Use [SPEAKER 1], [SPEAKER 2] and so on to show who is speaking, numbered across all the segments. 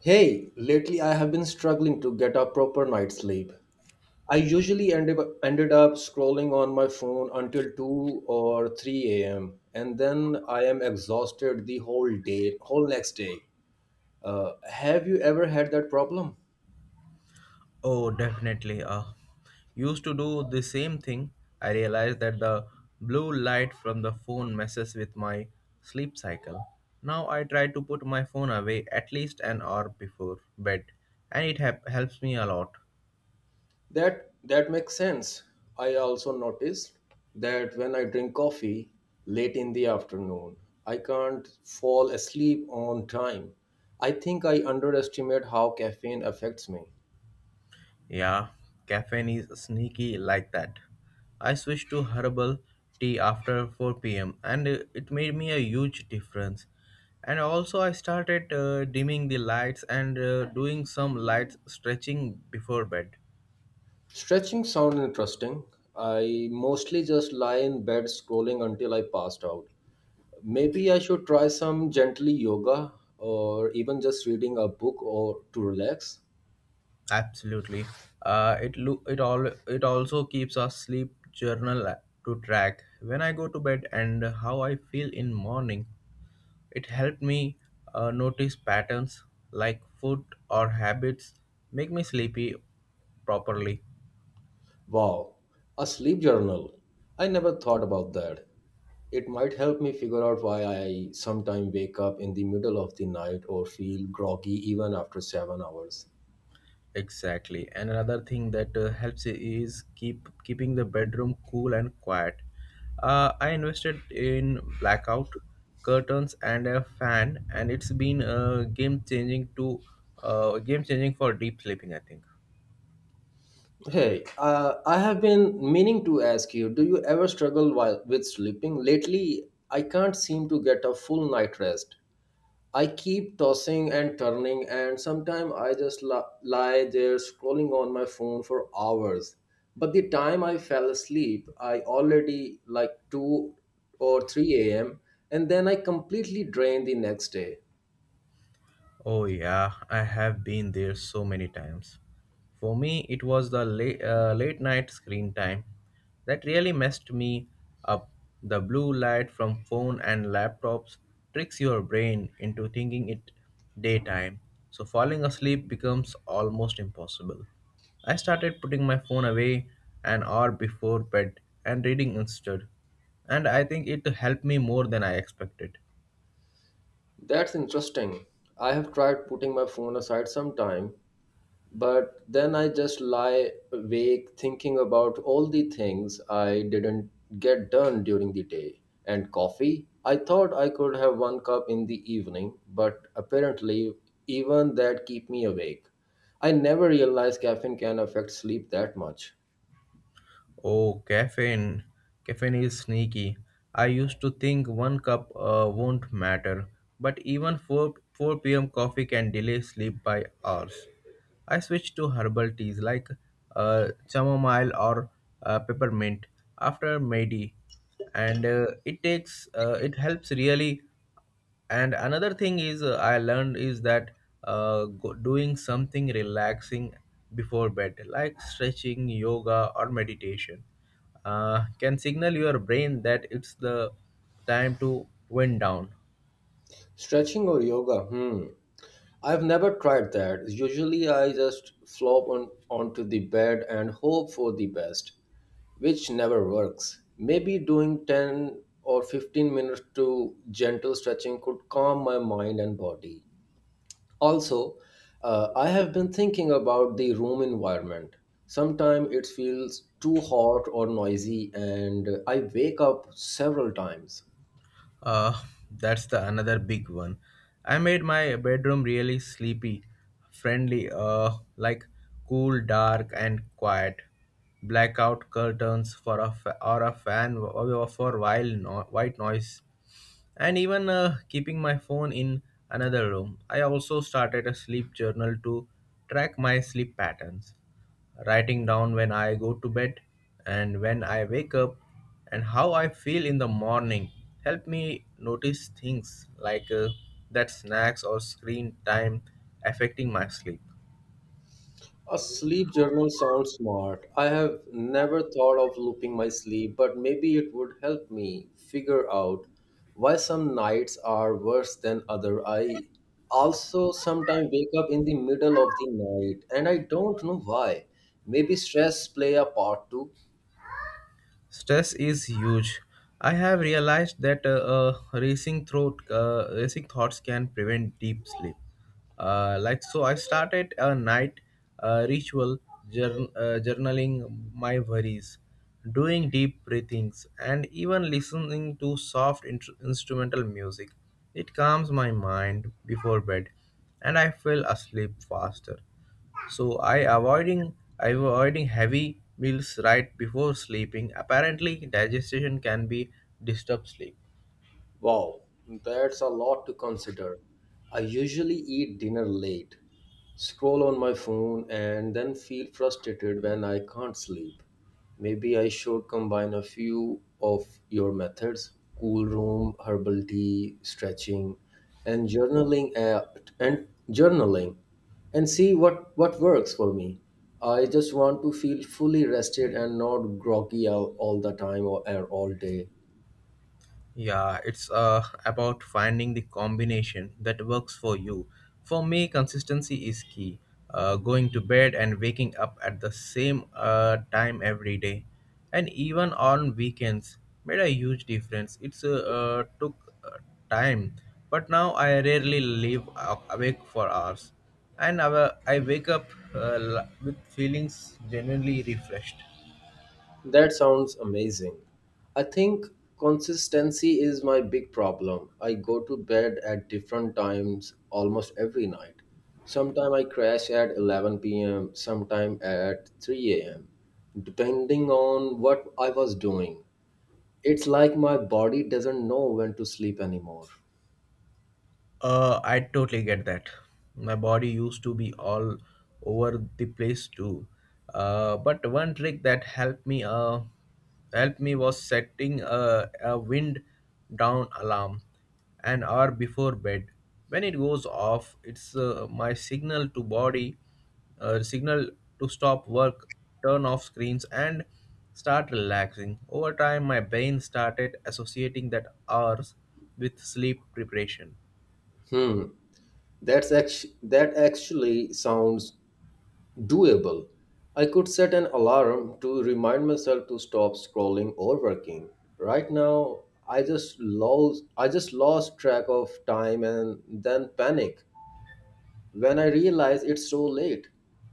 [SPEAKER 1] Hey, lately I have been struggling to get a proper night's sleep. I usually ended up scrolling on my phone until 2 or 3 a.m. and then I am exhausted the whole next day. Have you ever had that problem?
[SPEAKER 2] Oh, definitely. Used to do the same thing. I realized that the blue light from the phone messes with my sleep cycle. Now I try to put my phone away at least an hour before bed, and it hap helps me a lot.
[SPEAKER 1] That makes sense. I also noticed that when I drink coffee late in the afternoon, I can't fall asleep on time. I think I underestimate how caffeine affects me.
[SPEAKER 2] Yeah, caffeine is sneaky like that. I switched to herbal tea after 4 p.m., and it made me a huge difference. And also, I started dimming the lights and doing some light stretching before bed.
[SPEAKER 1] Stretching sounds interesting. I mostly just lie in bed scrolling until I passed out. Maybe I should try some gently yoga or even just reading a book or to relax.
[SPEAKER 2] Absolutely, it lo- it all it also keeps a sleep journal to track when I go to bed and how I feel in morning. It helped me notice patterns like food or habits make me sleepy properly.
[SPEAKER 1] Wow, a sleep journal. I never thought about that. It might help me figure out why I sometimes wake up in the middle of the night or feel groggy even after 7 hours.
[SPEAKER 2] Exactly. And another thing that helps is keeping the bedroom cool and quiet. I invested in blackout curtains and a fan, and it's been game changing for deep sleeping, I think.
[SPEAKER 1] Hey, I have been meaning to ask you, do you ever struggle while with sleeping? Lately, I can't seem to get a full night rest. I keep tossing and turning, and sometimes I just lie there scrolling on my phone for hours. But the time I fell asleep, I already like 2 or 3 a.m., and then I completely drain the next day.
[SPEAKER 2] Oh, yeah, I have been there so many times. For me, it was the late night screen time that really messed me up. The blue light from phone and laptops tricks your brain into thinking it daytime, so falling asleep becomes almost impossible. I started putting my phone away an hour before bed and reading instead, and I think it helped me more than I expected.
[SPEAKER 1] That's interesting. I have tried putting my phone aside sometime, but then I just lie awake thinking about all the things I didn't get done during the day. And coffee, I thought I could have one cup in the evening, but apparently even that keep me awake. I never realized caffeine can affect sleep that much.
[SPEAKER 2] Oh, caffeine. Caffeine is sneaky. I used to think one cup won't matter, but even 4 p.m. coffee can delay sleep by hours. I switched to herbal teas like chamomile or peppermint after medi, and it helps really. And another thing is I learned is that doing something relaxing before bed like stretching yoga or meditation can signal your brain that it's the time to wind down.
[SPEAKER 1] Stretching or yoga, hmm. I've never tried that. Usually I just flop on onto the bed and hope for the best, which never works. Maybe doing 10 or 15 minutes to gentle stretching could calm my mind and body. Also, I have been thinking about the room environment. Sometimes it feels too hot or noisy, and I wake up several times.
[SPEAKER 2] uh, that's the another big one. I made my bedroom really sleepy friendly, like cool dark and quiet, blackout curtains for a fa- or a fan, w- or for while no- white noise, and even keeping my phone in another room. I also started a sleep journal to track my sleep patterns, writing down when I go to bed and when I wake up and how I feel in the morning. Help me notice things like that snacks or screen time affecting my sleep.
[SPEAKER 1] A sleep journal sounds smart. I have never thought of looping my sleep, but maybe it would help me figure out why some nights are worse than other. I also sometimes wake up in the middle of the night and I don't know why. Maybe stress play a part too.
[SPEAKER 2] Stress is huge. I have realized that racing thoughts can prevent deep sleep. I started a night ritual, journaling my worries, doing deep breathings, and even listening to soft instrumental music. It calms my mind before bed, and I fell asleep faster. So i avoiding I avoiding heavy meals right before sleeping. Apparently digestion can be disturb sleep.
[SPEAKER 1] Wow, that's a lot to consider. I usually eat dinner late, scroll on my phone, and then feel frustrated when I can't sleep. Maybe I should combine a few of your methods: cool room, herbal tea, stretching, and journaling and journaling, and see what works for me. I just want to feel fully rested and not groggy all the time, or all day.
[SPEAKER 2] Yeah, it's about finding the combination that works for you. For me, consistency is key. Going to bed and waking up at the same time every day, and even on weekends, made a huge difference. It's took uh, time, but now I rarely live awake for hours, and I wake up with feelings genuinely refreshed.
[SPEAKER 1] That sounds amazing. I think consistency is my big problem. I go to bed at different times almost every night. Sometime I crash at 11 p.m., sometime at 3 a.m., depending on what I was doing. It's like my body doesn't know when to sleep anymore.
[SPEAKER 2] I totally get that. My body used to be all over the place too. But one trick that helped me was setting a wind down alarm an hour before bed. When it goes off, it's my signal to body, signal to stop work, turn off screens, and start relaxing. Over time, my brain started associating that hours with sleep preparation.
[SPEAKER 1] Hmm, that actually sounds doable. I could set an alarm to remind myself to stop scrolling or working. Right now, I just lost track of time and then panic when I realize it's so late.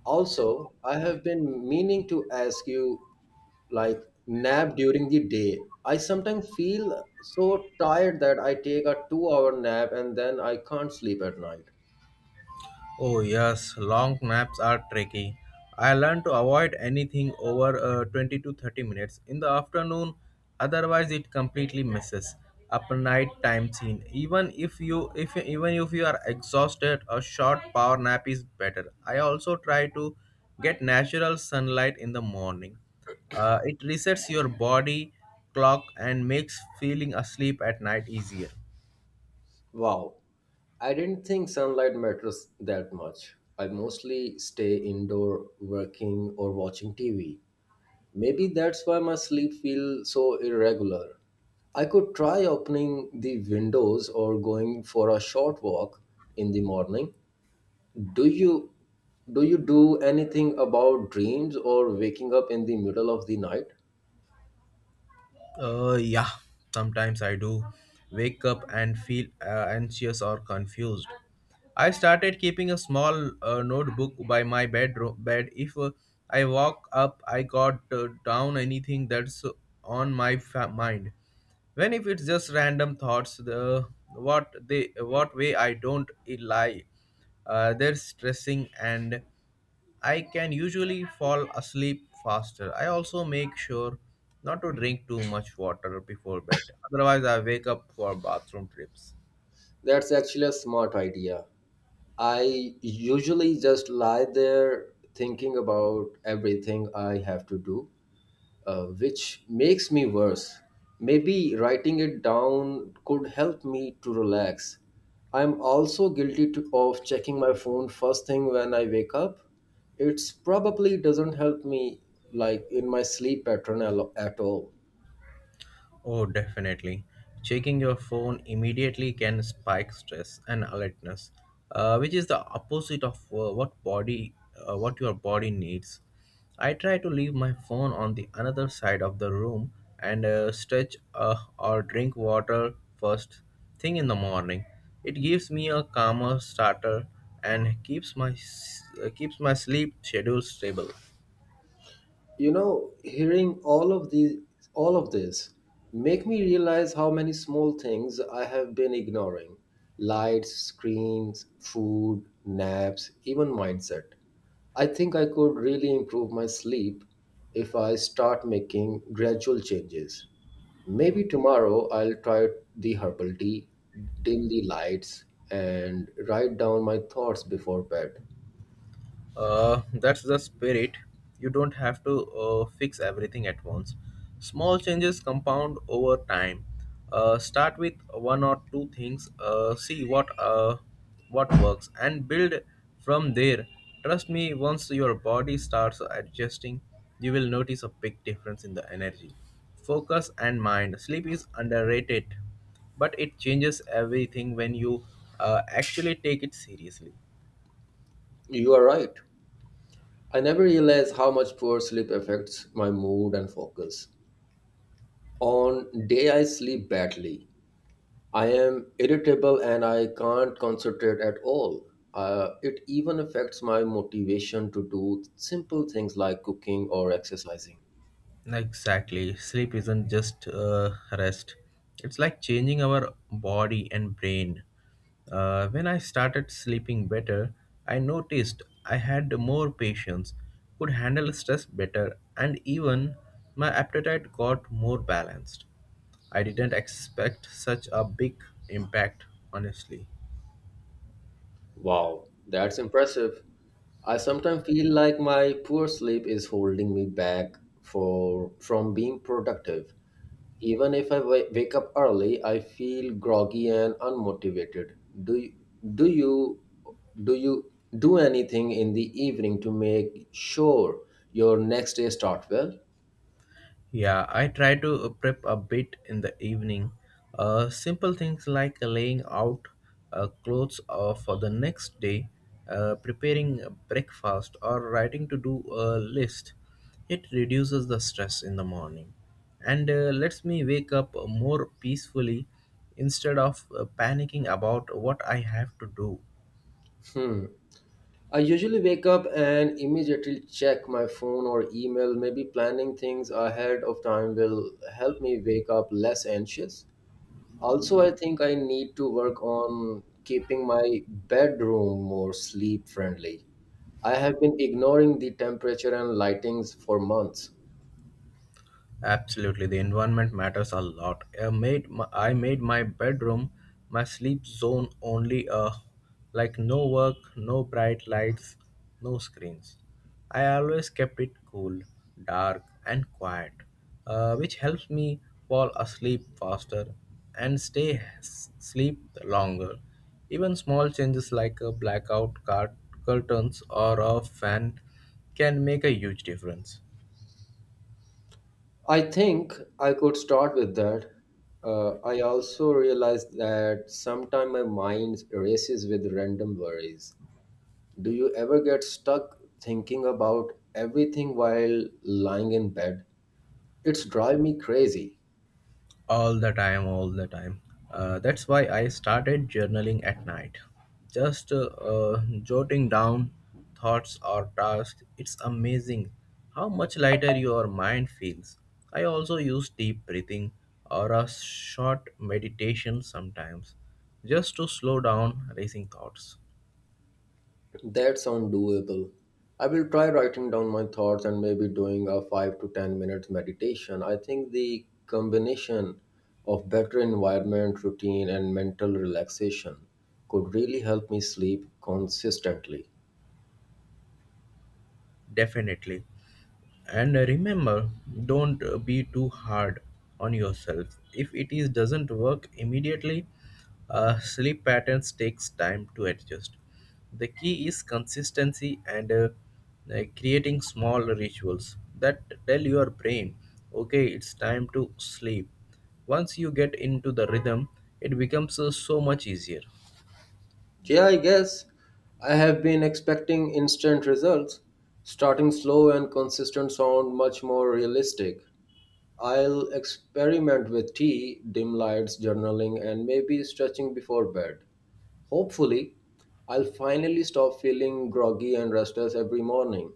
[SPEAKER 1] Also, I have been meaning to ask you, like, nap during the day. I sometimes feel so tired that I take a 2-hour nap and then I can't sleep at night.
[SPEAKER 2] Oh, yes, long naps are tricky. I learn to avoid anything over 20 to 30 minutes in the afternoon, otherwise it completely misses up night time scene. Even if you are exhausted, a short power nap is better. I also try to get natural sunlight in the morning. It resets your body clock and makes feeling asleep at night easier.
[SPEAKER 1] Wow, I didn't think sunlight matters that much. I mostly stay indoor working or watching TV. Maybe that's why my sleep feels so irregular. I could try opening the windows or going for a short walk in the morning. Do you do you do anything about dreams or waking up in the middle of the night?
[SPEAKER 2] Yeah, sometimes I do wake up and feel anxious or confused. I started keeping a small notebook by my bed. If I walk up, I got down anything that's on my mind. When if it's just random thoughts, the what way I don't lie. They're stressing and I can usually fall asleep faster. I also make sure not to drink too much water before bed. Otherwise, I wake up for bathroom trips.
[SPEAKER 1] That's actually a smart idea. I usually just lie there thinking about everything I have to do, which makes me worse. Maybe writing it down could help me to relax. I'm also guilty of checking my phone first thing when I wake up. It's probably doesn't help me like in my sleep pattern at all.
[SPEAKER 2] Oh, definitely. Checking your phone immediately can spike stress and alertness, which is the opposite of what your body needs. I try to leave my phone on the another side of the room and stretch or drink water first thing in the morning. It gives me a calmer starter and keeps my sleep schedule stable.
[SPEAKER 1] You know, hearing all of this make me realize how many small things I have been ignoring: lights, screens, food, naps, even mindset. I think I could really improve my sleep if I start making gradual changes. Maybe tomorrow I'll try the herbal tea, dim the lights, and write down my thoughts before bed.
[SPEAKER 2] That's the spirit. You don't have to fix everything at once. Small changes compound over time. Start with one or two things. See what works and build from there. Trust me, once your body starts adjusting, you will notice a big difference in the energy, focus, and mind. Sleep is underrated, but it changes everything when you actually take it seriously.
[SPEAKER 1] You are right. I never realized how much poor sleep affects my mood and focus. On day I sleep badly. I am irritable and I can't concentrate at all. It even affects my motivation to do simple things like cooking or exercising.
[SPEAKER 2] Exactly. Sleep isn't just rest, it's like changing our body and brain. When I started sleeping better, I noticed I had more patience, could handle stress better, and even my appetite got more balanced. I didn't expect such a big impact, honestly.
[SPEAKER 1] Wow, that's impressive. I sometimes feel like my poor sleep is holding me back for from being productive. Even if I wake up early, I feel groggy and unmotivated. Do you, do you do you do anything in the evening to make sure your next day start well?
[SPEAKER 2] Yeah, I try to prep a bit in the evening. Simple things like laying out clothes for the next day, preparing breakfast, or writing to do a list. It reduces the stress in the morning and lets me wake up more peacefully instead of panicking about what I have to do.
[SPEAKER 1] Hmm. I usually wake up and immediately check my phone or email. Maybe planning things ahead of time will help me wake up less anxious. Also, I think I need to work on keeping my bedroom more sleep friendly. I have been ignoring the temperature and lightings for months.
[SPEAKER 2] Absolutely, the environment matters a lot. I made my bedroom my sleep zone only like no work, no bright lights, no screens. I always kept it cool, dark and quiet, which helps me fall asleep faster and stay s- sleep longer. Even small changes like a curtains or a fan can make a huge difference.
[SPEAKER 1] I think I could start with that. I also realized that sometimes my mind races with random worries. Do you ever get stuck thinking about everything while lying in bed? It's drive me crazy.
[SPEAKER 2] All the time, all the time. That's why I started journaling at night. Just jotting down thoughts or tasks. It's amazing how much lighter your mind feels. I also use deep breathing or a short meditation sometimes, just to slow down racing thoughts.
[SPEAKER 1] That sounds doable. I will try writing down my thoughts and maybe doing a 5 to 10 minutes meditation. I think the combination of better environment, routine, and mental relaxation could really help me sleep consistently.
[SPEAKER 2] Definitely. And remember, don't be too hard on yourself if it is doesn't work immediately. Sleep patterns takes time to adjust. The key is consistency and creating small rituals that tell your brain okay it's time to sleep. Once you get into the rhythm, it becomes so much easier.
[SPEAKER 1] Yeah, I guess I have been expecting instant results. Starting slow and consistent sound much more realistic. I'll experiment with tea, dim lights, journaling, and maybe stretching before bed. Hopefully, I'll finally stop feeling groggy and restless every morning.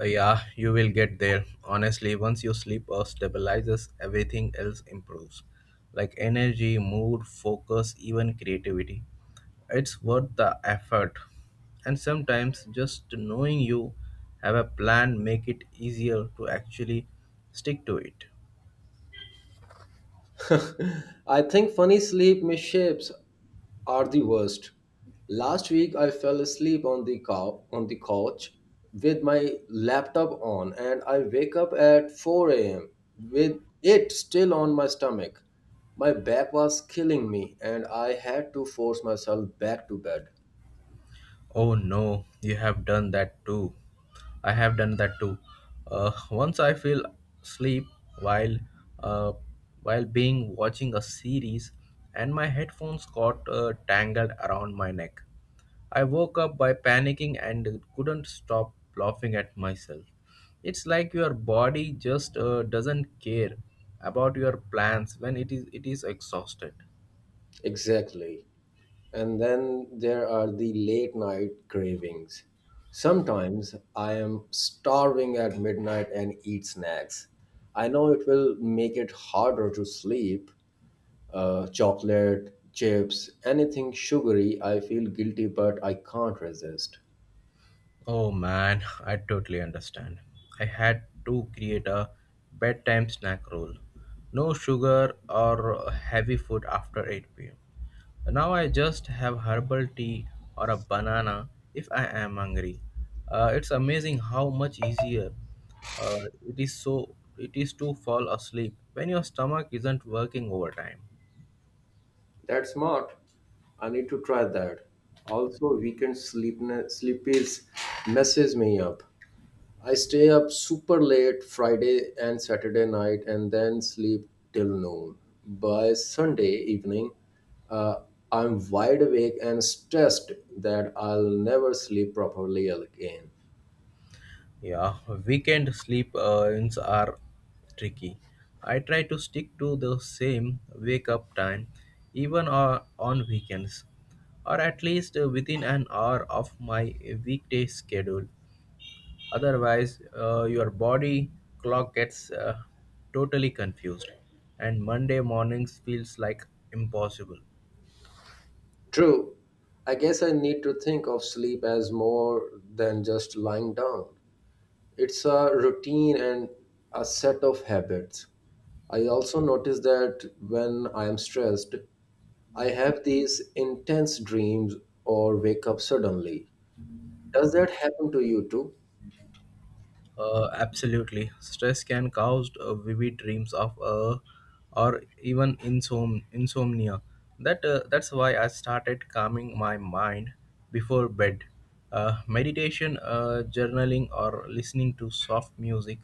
[SPEAKER 2] Yeah, you will get there. Honestly, once your sleep stabilizes, everything else improves like energy, mood, focus, even creativity. It's worth the effort. And sometimes just knowing you have a plan make it easier to actually stick to it.
[SPEAKER 1] I think funny sleep misshapes are the worst. Last week I fell asleep on the on the couch with my laptop on and I wake up at 4 a.m. with it still on my stomach. My back was killing me and I had to force myself back to bed.
[SPEAKER 2] Oh no, you have done that too. I have done that too. Once I fell asleep while uh, while being watching a series, and my headphones got tangled around my neck. I woke up by panicking and couldn't stop laughing at myself. It's like your body just doesn't care about your plans when it is exhausted.
[SPEAKER 1] Exactly. And then there are the late night cravings. Sometimes I am starving at midnight and eat snacks. I know it will make it harder to sleep. Chocolate, chips, anything sugary, I feel guilty, but I can't resist.
[SPEAKER 2] Oh man, I totally understand. I had to create a bedtime snack rule. No sugar or heavy food after 8 pm. Now I just have herbal tea or a banana if I am hungry. It's amazing how much easier it is to fall asleep when your stomach isn't working overtime.
[SPEAKER 1] That's smart. I need to try that. Also, weekend sleepies messes me up. I stay up super late Friday and Saturday night and then sleep till noon. By Sunday evening, uh, I'm wide awake and stressed that I'll never sleep properly again.
[SPEAKER 2] Yeah, weekend sleep ins are tricky. I try to stick to the same wake up time, even on weekends, or at least within an hour of my weekday schedule. Otherwise, your body clock gets totally confused, and Monday mornings feels like impossible.
[SPEAKER 1] True, I guess I need to think of sleep as more than just lying down. It's a routine and a set of habits. I also notice that when I am stressed, I have these intense dreams or wake up suddenly. Does that happen to you too?
[SPEAKER 2] Absolutely. Stress can cause vivid dreams of or even insomnia. That's why I started calming my mind before bed. Meditation, journaling, or listening to soft music.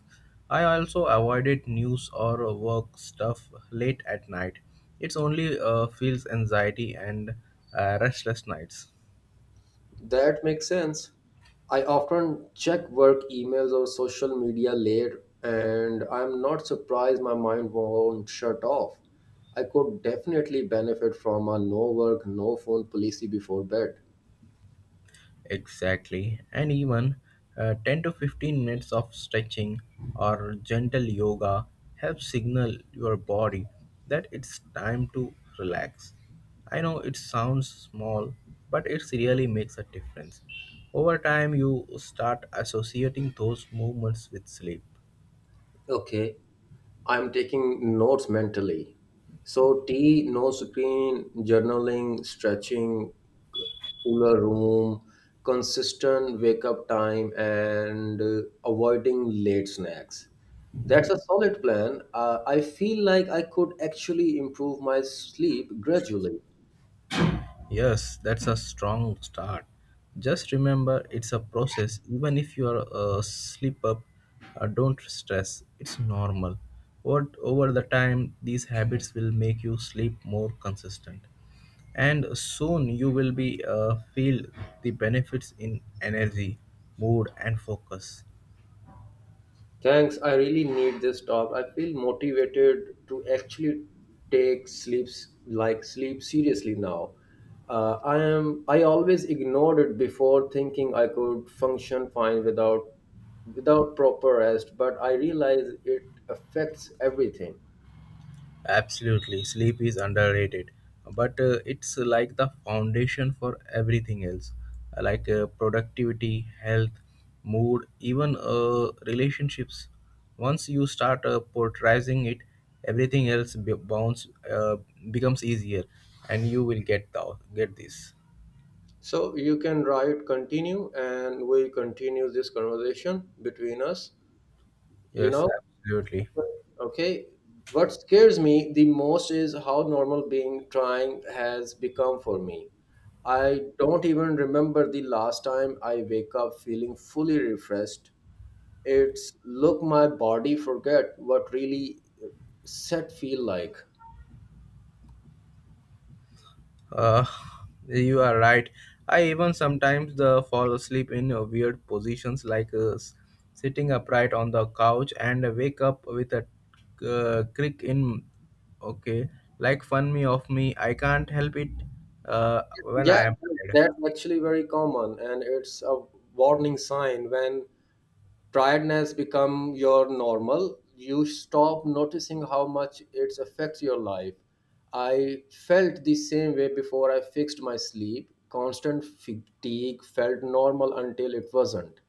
[SPEAKER 2] I also avoided news or work stuff late at night. It's only feels anxiety and restless nights.
[SPEAKER 1] That makes sense. I often check work emails or social media later, and I'm not surprised my mind won't shut off. I could definitely benefit from a no work, no phone policy before bed.
[SPEAKER 2] Exactly, and even 10 to 15 minutes of stretching or gentle yoga help signal your body that it's time to relax. I know it sounds small, but it really makes a difference. Over time, you start associating those movements with sleep.
[SPEAKER 1] Okay. I'm taking notes mentally. So tea, no screen, journaling, stretching, cooler room, consistent wake up time, and avoiding late snacks. That's a solid plan. I feel like I could actually improve my sleep gradually.
[SPEAKER 2] Yes, that's a strong start. Just remember it's a process. Even if you are a slip up, don't stress. It's normal. What over the time these habits will make you sleep more consistent. And soon you will be feel the benefits in energy, mood and focus.
[SPEAKER 1] Thanks, I really need this talk. I feel motivated to actually take sleeps like sleep seriously now. I always ignored it before thinking I could function fine without proper rest, but I realize it affects everything.
[SPEAKER 2] Absolutely, sleep is underrated, but it's like the foundation for everything else, productivity, health, mood, even relationships. Once you start portraying it, everything else be- bounce becomes easier, and you will get get this.
[SPEAKER 1] So you can write continue and we continue this conversation between us, you
[SPEAKER 2] Yes,
[SPEAKER 1] know.
[SPEAKER 2] absolutely.
[SPEAKER 1] Okay. What scares me the most is how normal being trying has become for me. I don't even remember the last time I wake up feeling fully refreshed. It's look my body forget what really set feel like.
[SPEAKER 2] Uh, you are right. I even sometimes the fall asleep in weird positions, like sitting upright on the couch, and wake up with a crick in. Okay, like fun me of me. I can't help it when
[SPEAKER 1] Yeah,
[SPEAKER 2] I am tired.
[SPEAKER 1] that's actually very common and it's a warning sign. When tiredness become your normal, you stop noticing how much it affects your life. I felt the same way before I fixed my sleep. Constant fatigue felt normal until it wasn't.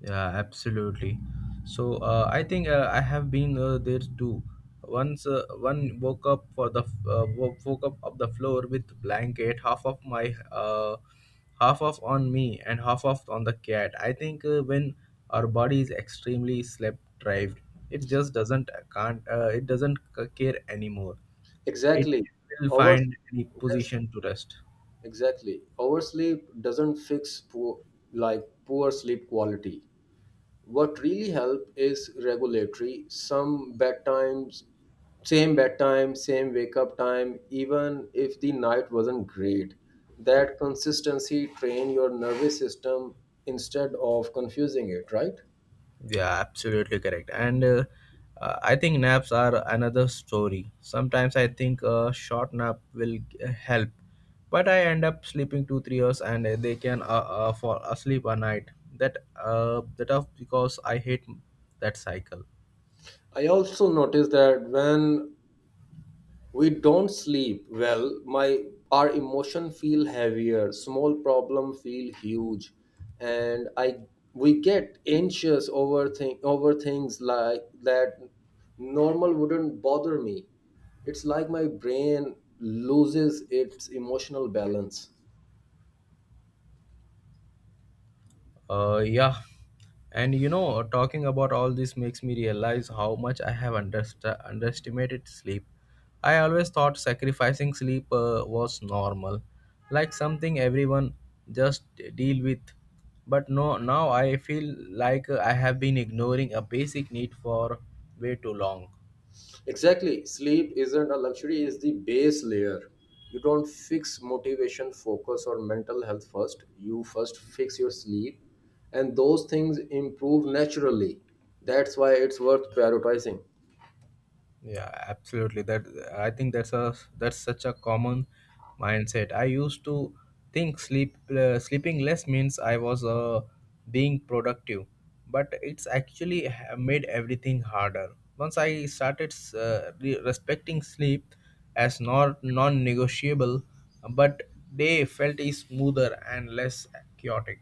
[SPEAKER 2] Yeah, absolutely. So I think I have been there too. Once one woke up for the woke up of the floor with blanket, half of my half of on me and half of on the cat. I think when our body is extremely sleep deprived, it just doesn't can't it doesn't care anymore. It
[SPEAKER 1] Exactly.
[SPEAKER 2] will
[SPEAKER 1] over
[SPEAKER 2] find any
[SPEAKER 1] Yes,
[SPEAKER 2] position to rest.
[SPEAKER 1] exactly, oversleep doesn't fix poor like poor sleep quality. What really help is regulatory some bedtimes, same bedtime, same wake up time, even if the night wasn't great. That consistency train your nervous system instead of confusing it, right?
[SPEAKER 2] Yeah, absolutely correct. And I think naps are another story. Sometimes I think a short nap will help, but I end up sleeping 2 3 hours, and they can fall asleep a night. That off because I hate that cycle.
[SPEAKER 1] I also noticed that when we don't sleep well my our emotion feel heavier, small problem feel huge, and I we get anxious over thing over things like that normal wouldn't bother me. It's like my brain loses its emotional balance.
[SPEAKER 2] Yeah, and you know, talking about all this makes me realize how much I have underestimated sleep. I always thought sacrificing sleep was normal, like something everyone just deal with. But no, now I feel like I have been ignoring a basic need for way too long.
[SPEAKER 1] Exactly. Sleep isn't a luxury, it's the base layer. You don't fix motivation, focus, or mental health first. You first fix your sleep, and those things improve naturally. That's why it's worth prioritizing.
[SPEAKER 2] Yeah, absolutely. That I think that's a that's such a common mindset. I used to think sleeping less means I was being productive, but it's actually made everything harder. Once I started respecting sleep as not non-negotiable, but day felt is smoother and less chaotic.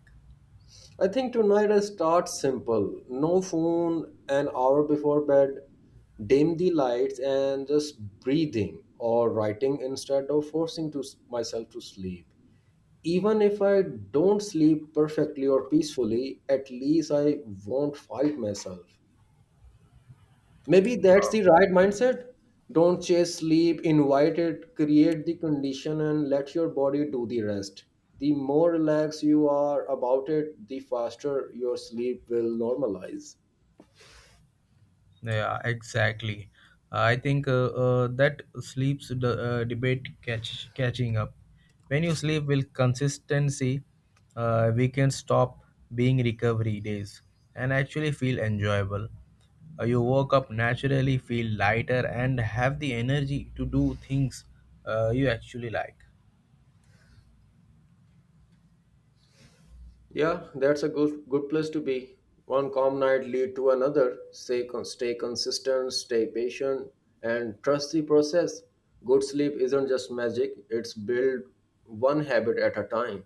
[SPEAKER 1] I think tonight I start simple: no phone an hour before bed, dim the lights, and just breathing or writing instead of myself to sleep. Even if I don't sleep perfectly or peacefully, at least I won't fight myself. Maybe that's the right mindset. Don't chase sleep, invite it. Create the condition, and let your body do the rest. The more relaxed you are about it, the faster your sleep will normalize.
[SPEAKER 2] Yeah, exactly. I think that sleeps the debate catching up. When you sleep with consistency, we can stop being recovery days and actually feel enjoyable. You woke up naturally, feel lighter, and have the energy to do things you actually like.
[SPEAKER 1] Yeah, that's a good place to be. One calm night lead to another. Stay consistent, stay patient, and trust the process. Good sleep isn't just magic; it's built one habit at a time.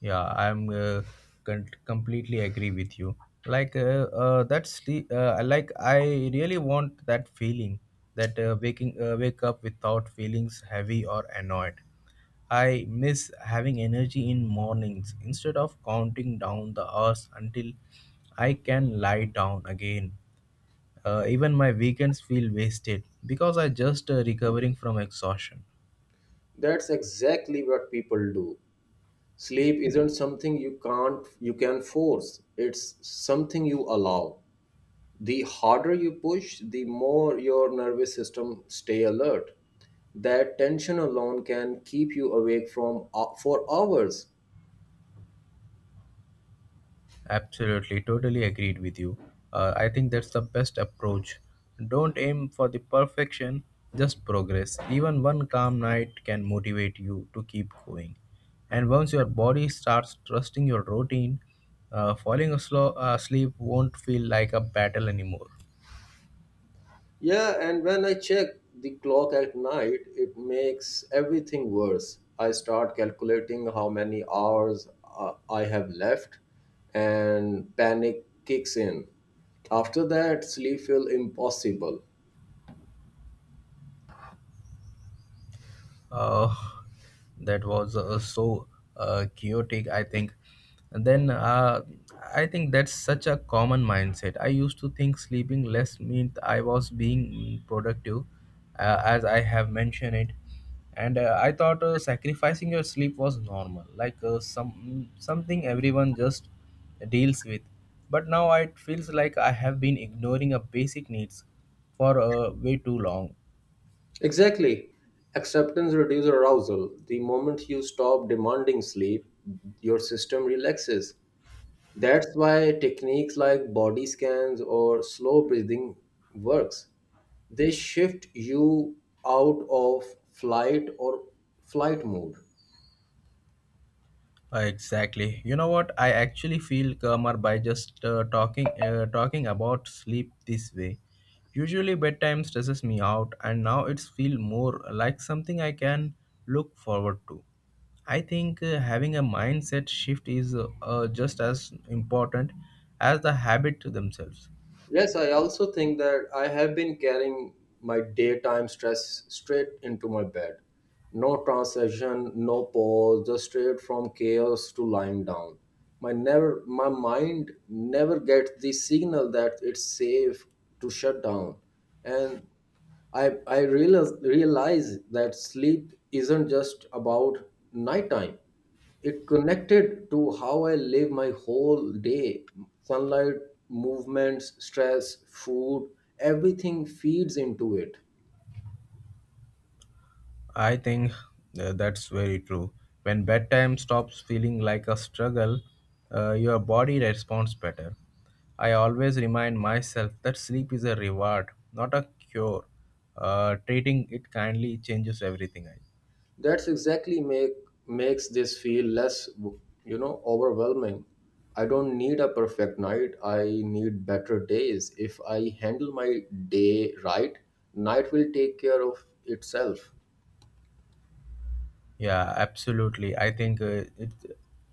[SPEAKER 2] Yeah, I'm con- completely agree with you. Like that's the like I really want that feeling that waking wake up without feelings heavy or annoyed. I miss having energy in mornings instead of counting down the hours until I can lie down again. Even my weekends feel wasted because I just recovering from exhaustion.
[SPEAKER 1] That's exactly what people do. Sleep isn't something you can't you can force. It's something you allow. The harder you push, the more your nervous system stay alert. That tension alone can keep you awake from for hours.
[SPEAKER 2] Absolutely, totally agreed with you. I think that's the best approach. Don't aim for the perfection, just progress. Even one calm night can motivate you to keep going. And once your body starts trusting your routine, falling asleep won't feel like a battle anymore.
[SPEAKER 1] Yeah, and when I check the clock at night, it makes everything worse. I start calculating how many hours I have left, and panic kicks in. After that, sleep feel impossible.
[SPEAKER 2] uh, that was so chaotic I think and then I think that's such a common mindset. I used to think sleeping less meant I was being productive, as I have mentioned it, and I thought sacrificing your sleep was normal, like something everyone just deals with, but now it feels like I have been ignoring a basic needs for way too long.
[SPEAKER 1] Exactly. Acceptance reduces arousal. The moment you stop demanding sleep, your system relaxes. That's why techniques like body scans or slow breathing works. They shift you out of flight or flight mode.
[SPEAKER 2] Exactly. You know what? I actually feel calmer by just talking about sleep this way. Usually bedtime stresses me out and now it's feel more like something I can look forward to. I think having a mindset shift is just as important as the habit to themselves.
[SPEAKER 1] Yes, I also think that I have been carrying my daytime stress straight into my bed. No transition, no pause, just straight from chaos to lying down. My mind never gets the signal that it's safe to shut down. And I realize that sleep isn't just about nighttime. It connected to how I live my whole day. Sunlight, movements, stress, food, everything feeds into it.
[SPEAKER 2] I think that's very true. When bedtime stops feeling like a struggle, your body responds better. I always remind myself that sleep is a reward, not a cure. Treating it kindly changes everything. I-
[SPEAKER 1] That's exactly make makes this feel less, you know, overwhelming. I don't need a perfect night. I need better days. If I handle my day right, night will take care of itself.
[SPEAKER 2] Yeah, absolutely. I think uh, it,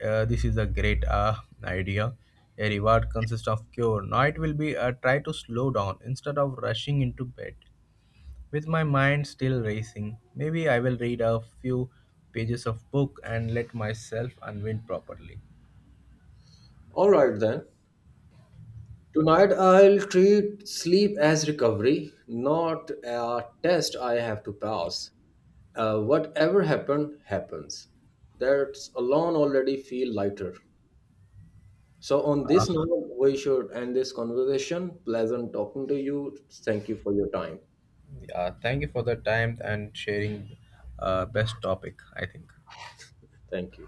[SPEAKER 2] uh, this is a great idea. A reward consists of cure. Now it will be try to slow down instead of rushing into bed. With my mind still racing, maybe I will read a few pages of book and let myself unwind properly.
[SPEAKER 1] All right then. Tonight, I'll treat sleep as recovery, not a test I have to pass. Whatever happened, happens. That's alone already feel lighter. So, on this note, we should end this conversation. Pleasant talking to you. Thank you for your time.
[SPEAKER 2] Yeah, thank you for the time and sharing best topic, I think.
[SPEAKER 1] Thank you.